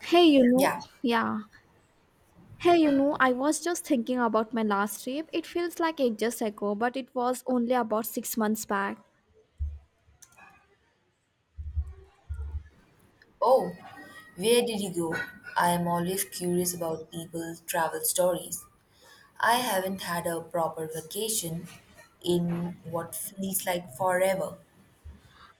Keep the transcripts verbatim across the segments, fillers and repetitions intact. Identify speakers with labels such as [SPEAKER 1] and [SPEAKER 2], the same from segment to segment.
[SPEAKER 1] Hey, you know,
[SPEAKER 2] Yeah.
[SPEAKER 1] yeah. Hey, you know, I was just thinking about my last trip. It feels like ages ago, but it was only about six months back.
[SPEAKER 2] Oh, where did he go? I am always curious about people's travel stories. I haven't had a proper vacation in what feels like forever.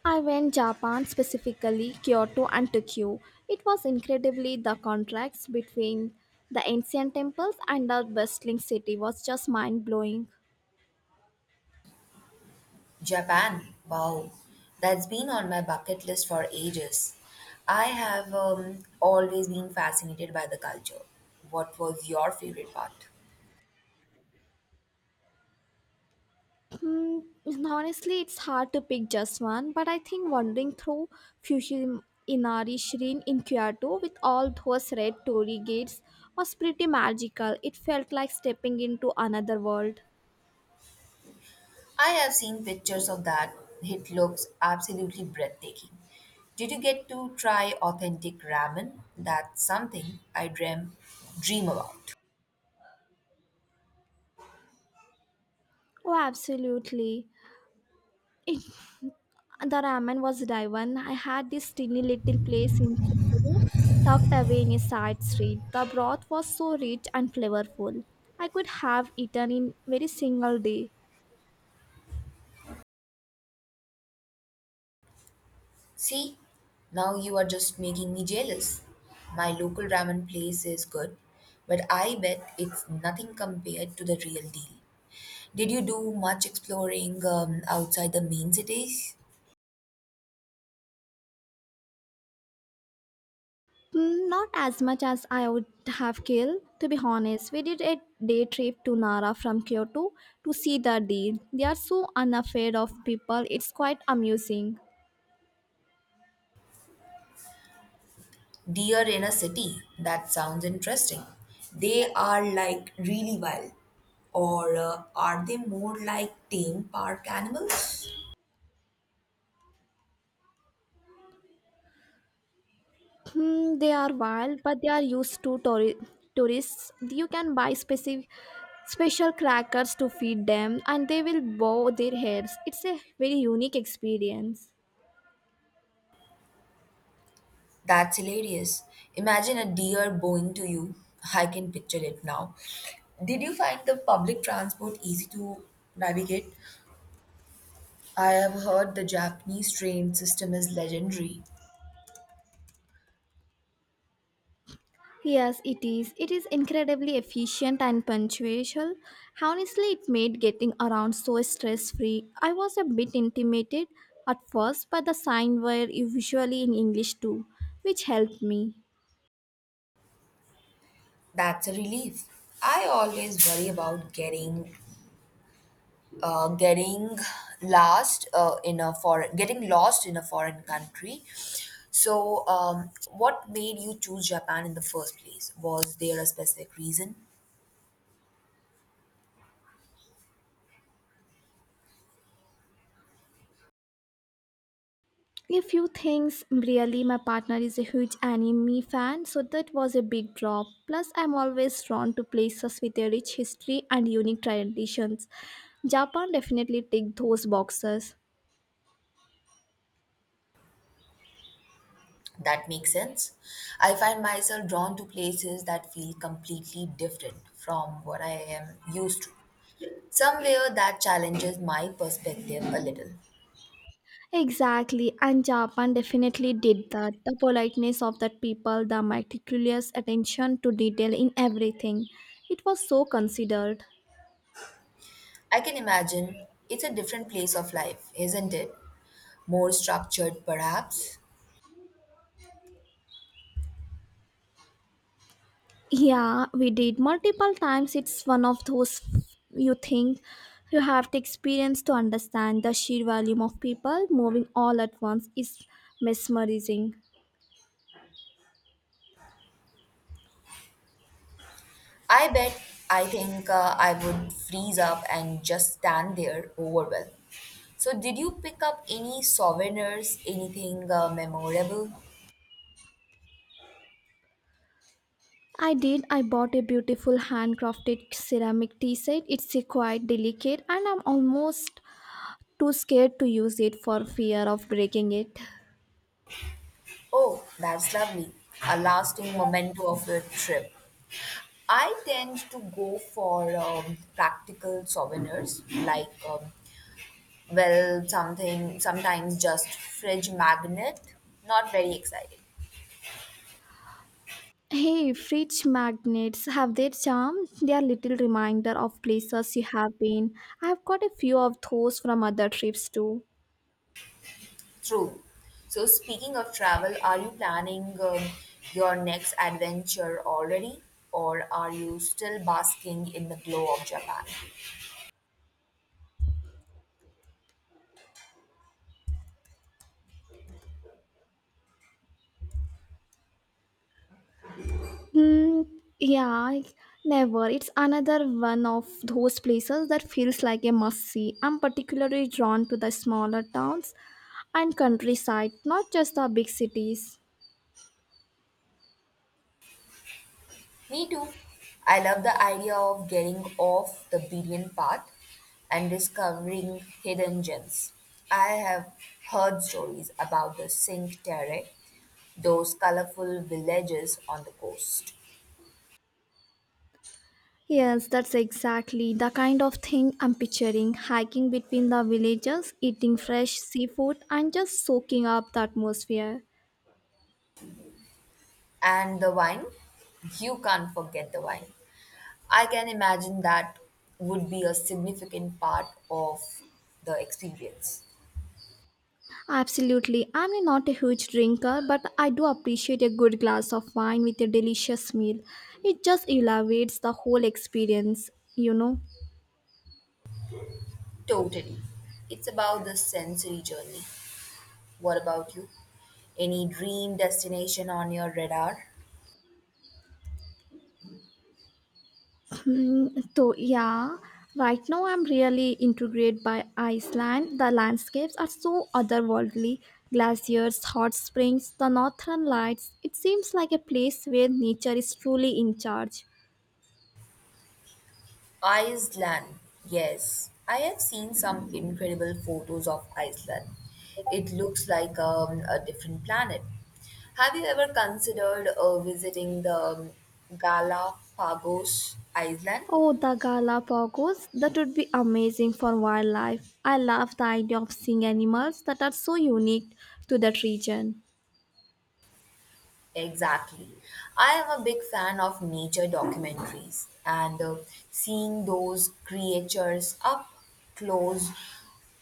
[SPEAKER 1] I went Japan specifically Kyoto and Tokyo. It was incredibly the contrast between the ancient temples and the bustling city was just mind blowing.
[SPEAKER 2] Japan. Wow. That's been on my bucket list for ages. I have um, always been fascinated by the culture. What was your favorite part?
[SPEAKER 1] Hmm, Honestly, it's hard to pick just one, but I think wandering through Fushimi Shrine in Kyoto with all those red torii gates was pretty magical. It felt like stepping into another world.
[SPEAKER 2] I have seen pictures of that. It looks absolutely breathtaking. Did you get to try authentic ramen? That's something I dream dream about.
[SPEAKER 1] Oh, absolutely. The ramen was divine. I had this tiny little place in Tokyo, tucked away in a side street. The broth was so rich and flavorful. I could have eaten in very single day.
[SPEAKER 2] See, now you are just making me jealous. My local ramen place is good, but I bet it's nothing compared to the real deal. Did you do much exploring um, outside the main cities?
[SPEAKER 1] Mm, Not as much as I would have killed, to be honest. We did a day trip to Nara from Kyoto to see the deer. They are so unafraid of people, it's quite amusing.
[SPEAKER 2] Deer in a city. That sounds interesting. They are like really wild. Or uh, are they more like tame park animals?
[SPEAKER 1] Hmm, they are wild, but they are used to touri- tourists. You can buy specific, special crackers to feed them, and they will bow their heads. It's a very unique experience.
[SPEAKER 2] That's hilarious. Imagine a deer bowing to you. I can picture it now. Did you find the public transport easy to navigate? I have heard the Japanese train system is legendary.
[SPEAKER 1] Yes, it is. It is incredibly efficient and punctual. Honestly, it made getting around so stress free. I was a bit intimidated at first, but the signs, were usually in English too, which helped me.
[SPEAKER 2] That's a relief. I always worry about getting uh, getting last uh, in a foreign getting lost in a foreign country, so um, what made you choose Japan in the first place? Was there a specific reason?
[SPEAKER 1] A few things really, my partner is a huge anime fan, so that was a big drop. Plus, I'm always drawn to places with a rich history and unique traditions. Japan definitely ticked those boxes.
[SPEAKER 2] That makes sense. I find myself drawn to places that feel completely different from what I am used to, somewhere that challenges my perspective a little.
[SPEAKER 1] Exactly, and Japan definitely did that. The politeness of that people, the meticulous attention to detail in everything. It was so considered.
[SPEAKER 2] I can imagine it's a different place of life, isn't it? More structured perhaps.
[SPEAKER 1] Yeah, we did multiple times. It's one of those you think you have to experience to understand the sheer volume of people moving all at once is mesmerizing.
[SPEAKER 2] I bet. I think uh, I would freeze up and just stand there overwhelmed. So, did you pick up any souvenirs, anything uh, memorable?
[SPEAKER 1] I did. I bought a beautiful handcrafted ceramic tea set. It's a quite delicate and I'm almost too scared to use it for fear of breaking it.
[SPEAKER 2] Oh, that's lovely. A lasting memento of your trip. I tend to go for um, practical souvenirs, like, um, well, something, sometimes just fridge magnet. Not very exciting.
[SPEAKER 1] Hey, fridge magnets have their charm. They are little reminder of places you have been. I've got a few of those from other trips too.
[SPEAKER 2] True. So, speaking of travel, are you planning um, your next adventure already, or are you still basking in the glow of Japan?
[SPEAKER 1] Hmm, yeah, never. It's another one of those places that feels like a must see. I'm particularly drawn to the smaller towns and countryside, not just the big cities.
[SPEAKER 2] Me too. I love the idea of getting off the beaten path and discovering hidden gems. I have heard stories about the Cinque Terre, those colorful villages on the coast,
[SPEAKER 1] Yes, that's exactly the kind of thing I'm picturing hiking between the villages, eating fresh seafood, and just soaking up the atmosphere.
[SPEAKER 2] and the wine. You can't forget the wine. I can imagine that would be a significant part of the experience.
[SPEAKER 1] Absolutely, I'm not a huge drinker, but I do appreciate a good glass of wine with a delicious meal. It just elevates the whole experience, you know.
[SPEAKER 2] Totally. It's about the sensory journey. What about you? Any dream destination on your radar?
[SPEAKER 1] Mm, so yeah, right now I'm really intrigued by Iceland. The landscapes are so otherworldly. Glaciers, hot springs, the northern lights. It seems like a place where nature is truly in charge.
[SPEAKER 2] Iceland. Yes, I have seen some incredible photos of Iceland. It looks like um, a different planet. Have you ever considered uh, visiting the um, Galapagos Island?
[SPEAKER 1] Oh, the Galapagos, that would be amazing for wildlife. I love the idea of seeing animals that are so unique to that region.
[SPEAKER 2] Exactly. I am a big fan of nature documentaries, and uh, seeing those creatures up close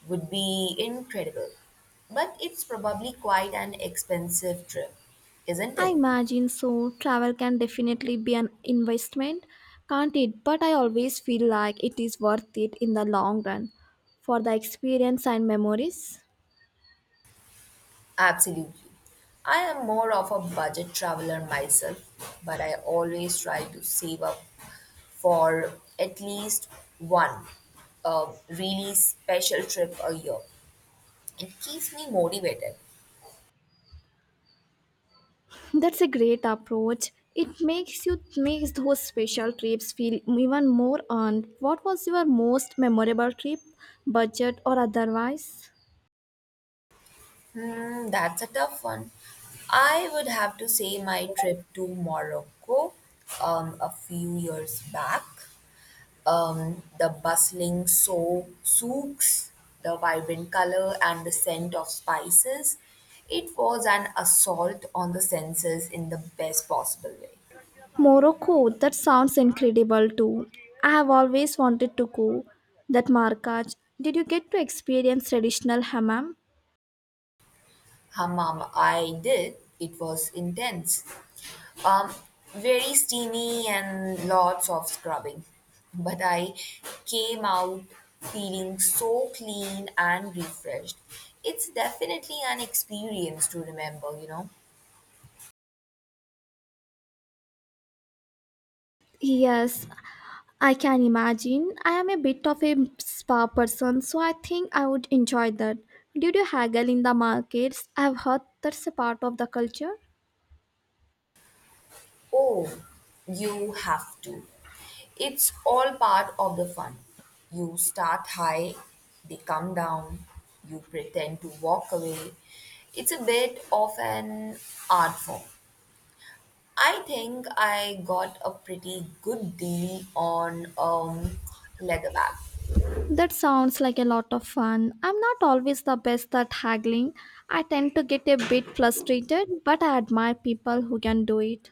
[SPEAKER 2] would be incredible. But it's probably quite an expensive trip, isn't
[SPEAKER 1] I
[SPEAKER 2] it?
[SPEAKER 1] imagine so. Travel can definitely be an investment, can't it? But I always feel like it is worth it in the long run for the experience and memories.
[SPEAKER 2] Absolutely. I am more of a budget traveler myself, but I always try to save up for at least one uh, really special trip a year. It keeps me motivated.
[SPEAKER 1] That's a great approach. It makes you makes those special trips feel even more earned. What was your most memorable trip, budget or otherwise?
[SPEAKER 2] Hmm, that's a tough one. I would have to say my trip to Morocco um, a few years back. Um, the bustling so- souks, the vibrant color, and the scent of spices. It was an assault on the senses in the best possible way.
[SPEAKER 1] Morocco, that sounds incredible too. I have always wanted to go. That markaj. Did you get to experience traditional hammam?
[SPEAKER 2] Hammam, I did, it was intense. Um, Very steamy and lots of scrubbing. But I came out feeling so clean and refreshed. It's definitely an experience to remember, you know.
[SPEAKER 1] Yes, I can imagine. I am a bit of a spa person, so I think I would enjoy that. Did you haggle in the markets? I've heard that's a part of the culture.
[SPEAKER 2] Oh, you have to. It's all part of the fun. You start high, they come down, you pretend to walk away. It's a bit of an art form. I think I got a pretty good deal on um, leather bag.
[SPEAKER 1] That sounds like a lot of fun. I'm not always the best at haggling. I tend to get a bit frustrated, but I admire people who can do it.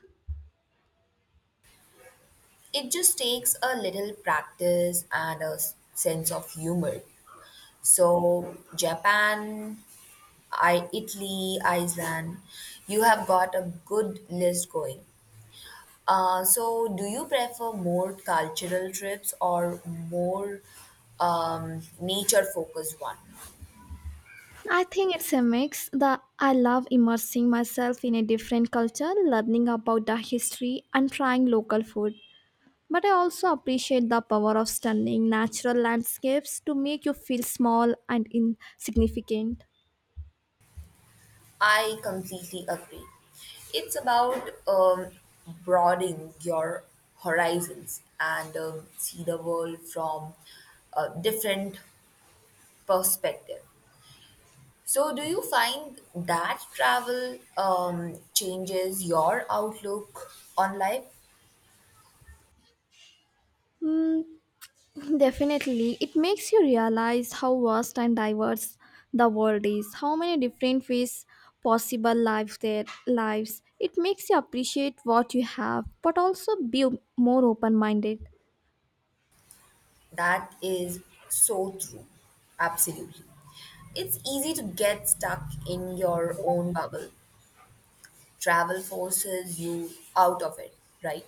[SPEAKER 2] It just takes a little practice and a s- sense of humor. So, Japan, I, Italy, Iceland, you have got a good list going. Uh, so, do you prefer more cultural trips or more um, nature focused one?
[SPEAKER 1] I think it's a mix. The I love immersing myself in a different culture, learning about the history and trying local food. But I also appreciate the power of stunning natural landscapes to make you feel small and insignificant.
[SPEAKER 2] I completely agree. It's about um, broadening your horizons and um, see the world from a different perspective. So, do you find that travel um, changes your outlook on life?
[SPEAKER 1] Mm, definitely, it makes you realize how vast and diverse the world is, how many different ways possible lives there lives. It makes you appreciate what you have, but also be more open-minded.
[SPEAKER 2] That is so true. Absolutely. It's easy to get stuck in your own bubble, travel forces you out of it, right?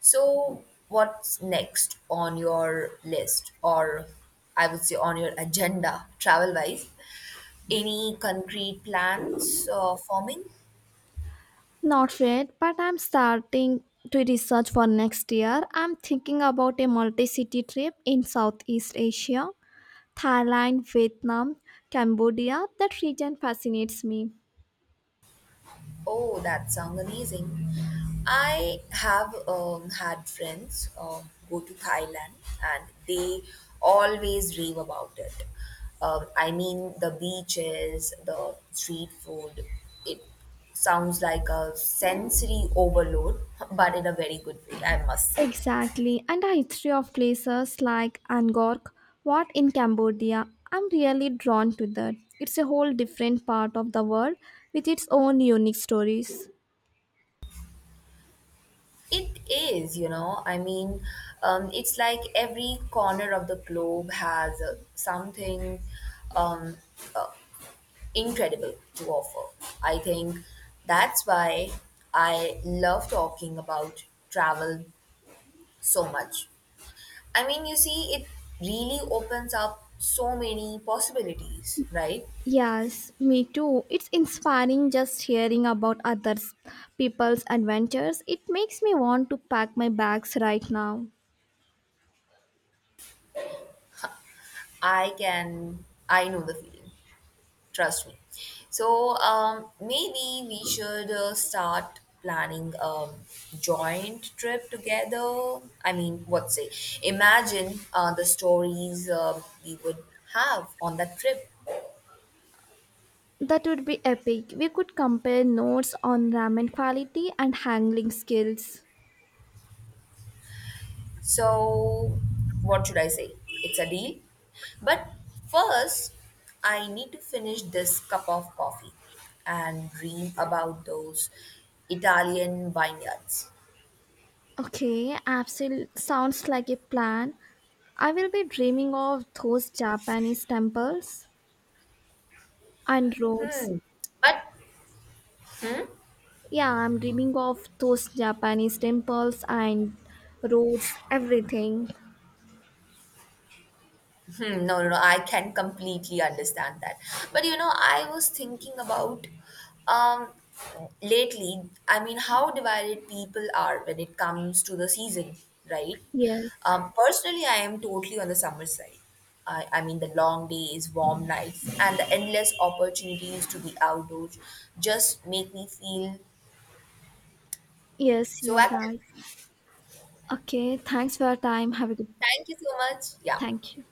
[SPEAKER 2] So, what's next on your list, or I would say on your agenda, travel wise? Any concrete plans uh, forming?
[SPEAKER 1] Not yet, but I'm starting to research for next year. I'm thinking about a multi-city trip in Southeast Asia. Thailand, Vietnam, Cambodia, that region fascinates me.
[SPEAKER 2] Oh, that sounds amazing. I have um, had friends uh, go to Thailand, and they always rave about it. Um, I mean, the beaches, the street food, it sounds like a sensory overload, but in a very good way, I must say.
[SPEAKER 1] Exactly, and the history of places like Angkor Wat in Cambodia, I'm really drawn to that. It's a whole different part of the world with its own unique stories.
[SPEAKER 2] It is, you know, I mean, um, it's like every corner of the globe has uh, something um, uh, incredible to offer. I think that's why I love talking about travel so much. I mean, you see, it really opens up so many possibilities, right?
[SPEAKER 1] Yes, me too. It's inspiring just hearing about others people's adventures. It makes me want to pack my bags right now.
[SPEAKER 2] I can, I know the feeling, trust me. So um, maybe we should uh, start planning a joint trip together. I mean, what say? Imagine uh, the stories uh, we would have on that trip.
[SPEAKER 1] That would be epic. We could compare notes on ramen quality and handling skills.
[SPEAKER 2] So, what should I say? It's a deal. But first, I need to finish this cup of coffee and dream about those Italian vineyards.
[SPEAKER 1] Okay, absolutely sounds like a plan. I will be dreaming of those Japanese temples and roads.
[SPEAKER 2] Hmm. But
[SPEAKER 1] Yeah, I'm dreaming of those Japanese temples and roads, everything.
[SPEAKER 2] Hmm, no, no, no. I can completely understand that. But you know, I was thinking about um lately, I mean, how divided people are when it comes to the season, right?
[SPEAKER 1] Yes,
[SPEAKER 2] Um, personally, I am totally on the summer side. I, I mean, the long days, warm nights, and the endless opportunities to be outdoors just make me feel
[SPEAKER 1] yes,
[SPEAKER 2] so
[SPEAKER 1] you're
[SPEAKER 2] active.
[SPEAKER 1] right. Okay, thanks for your time. Have a good.
[SPEAKER 2] Thank you so much. Yeah.
[SPEAKER 1] Thank you.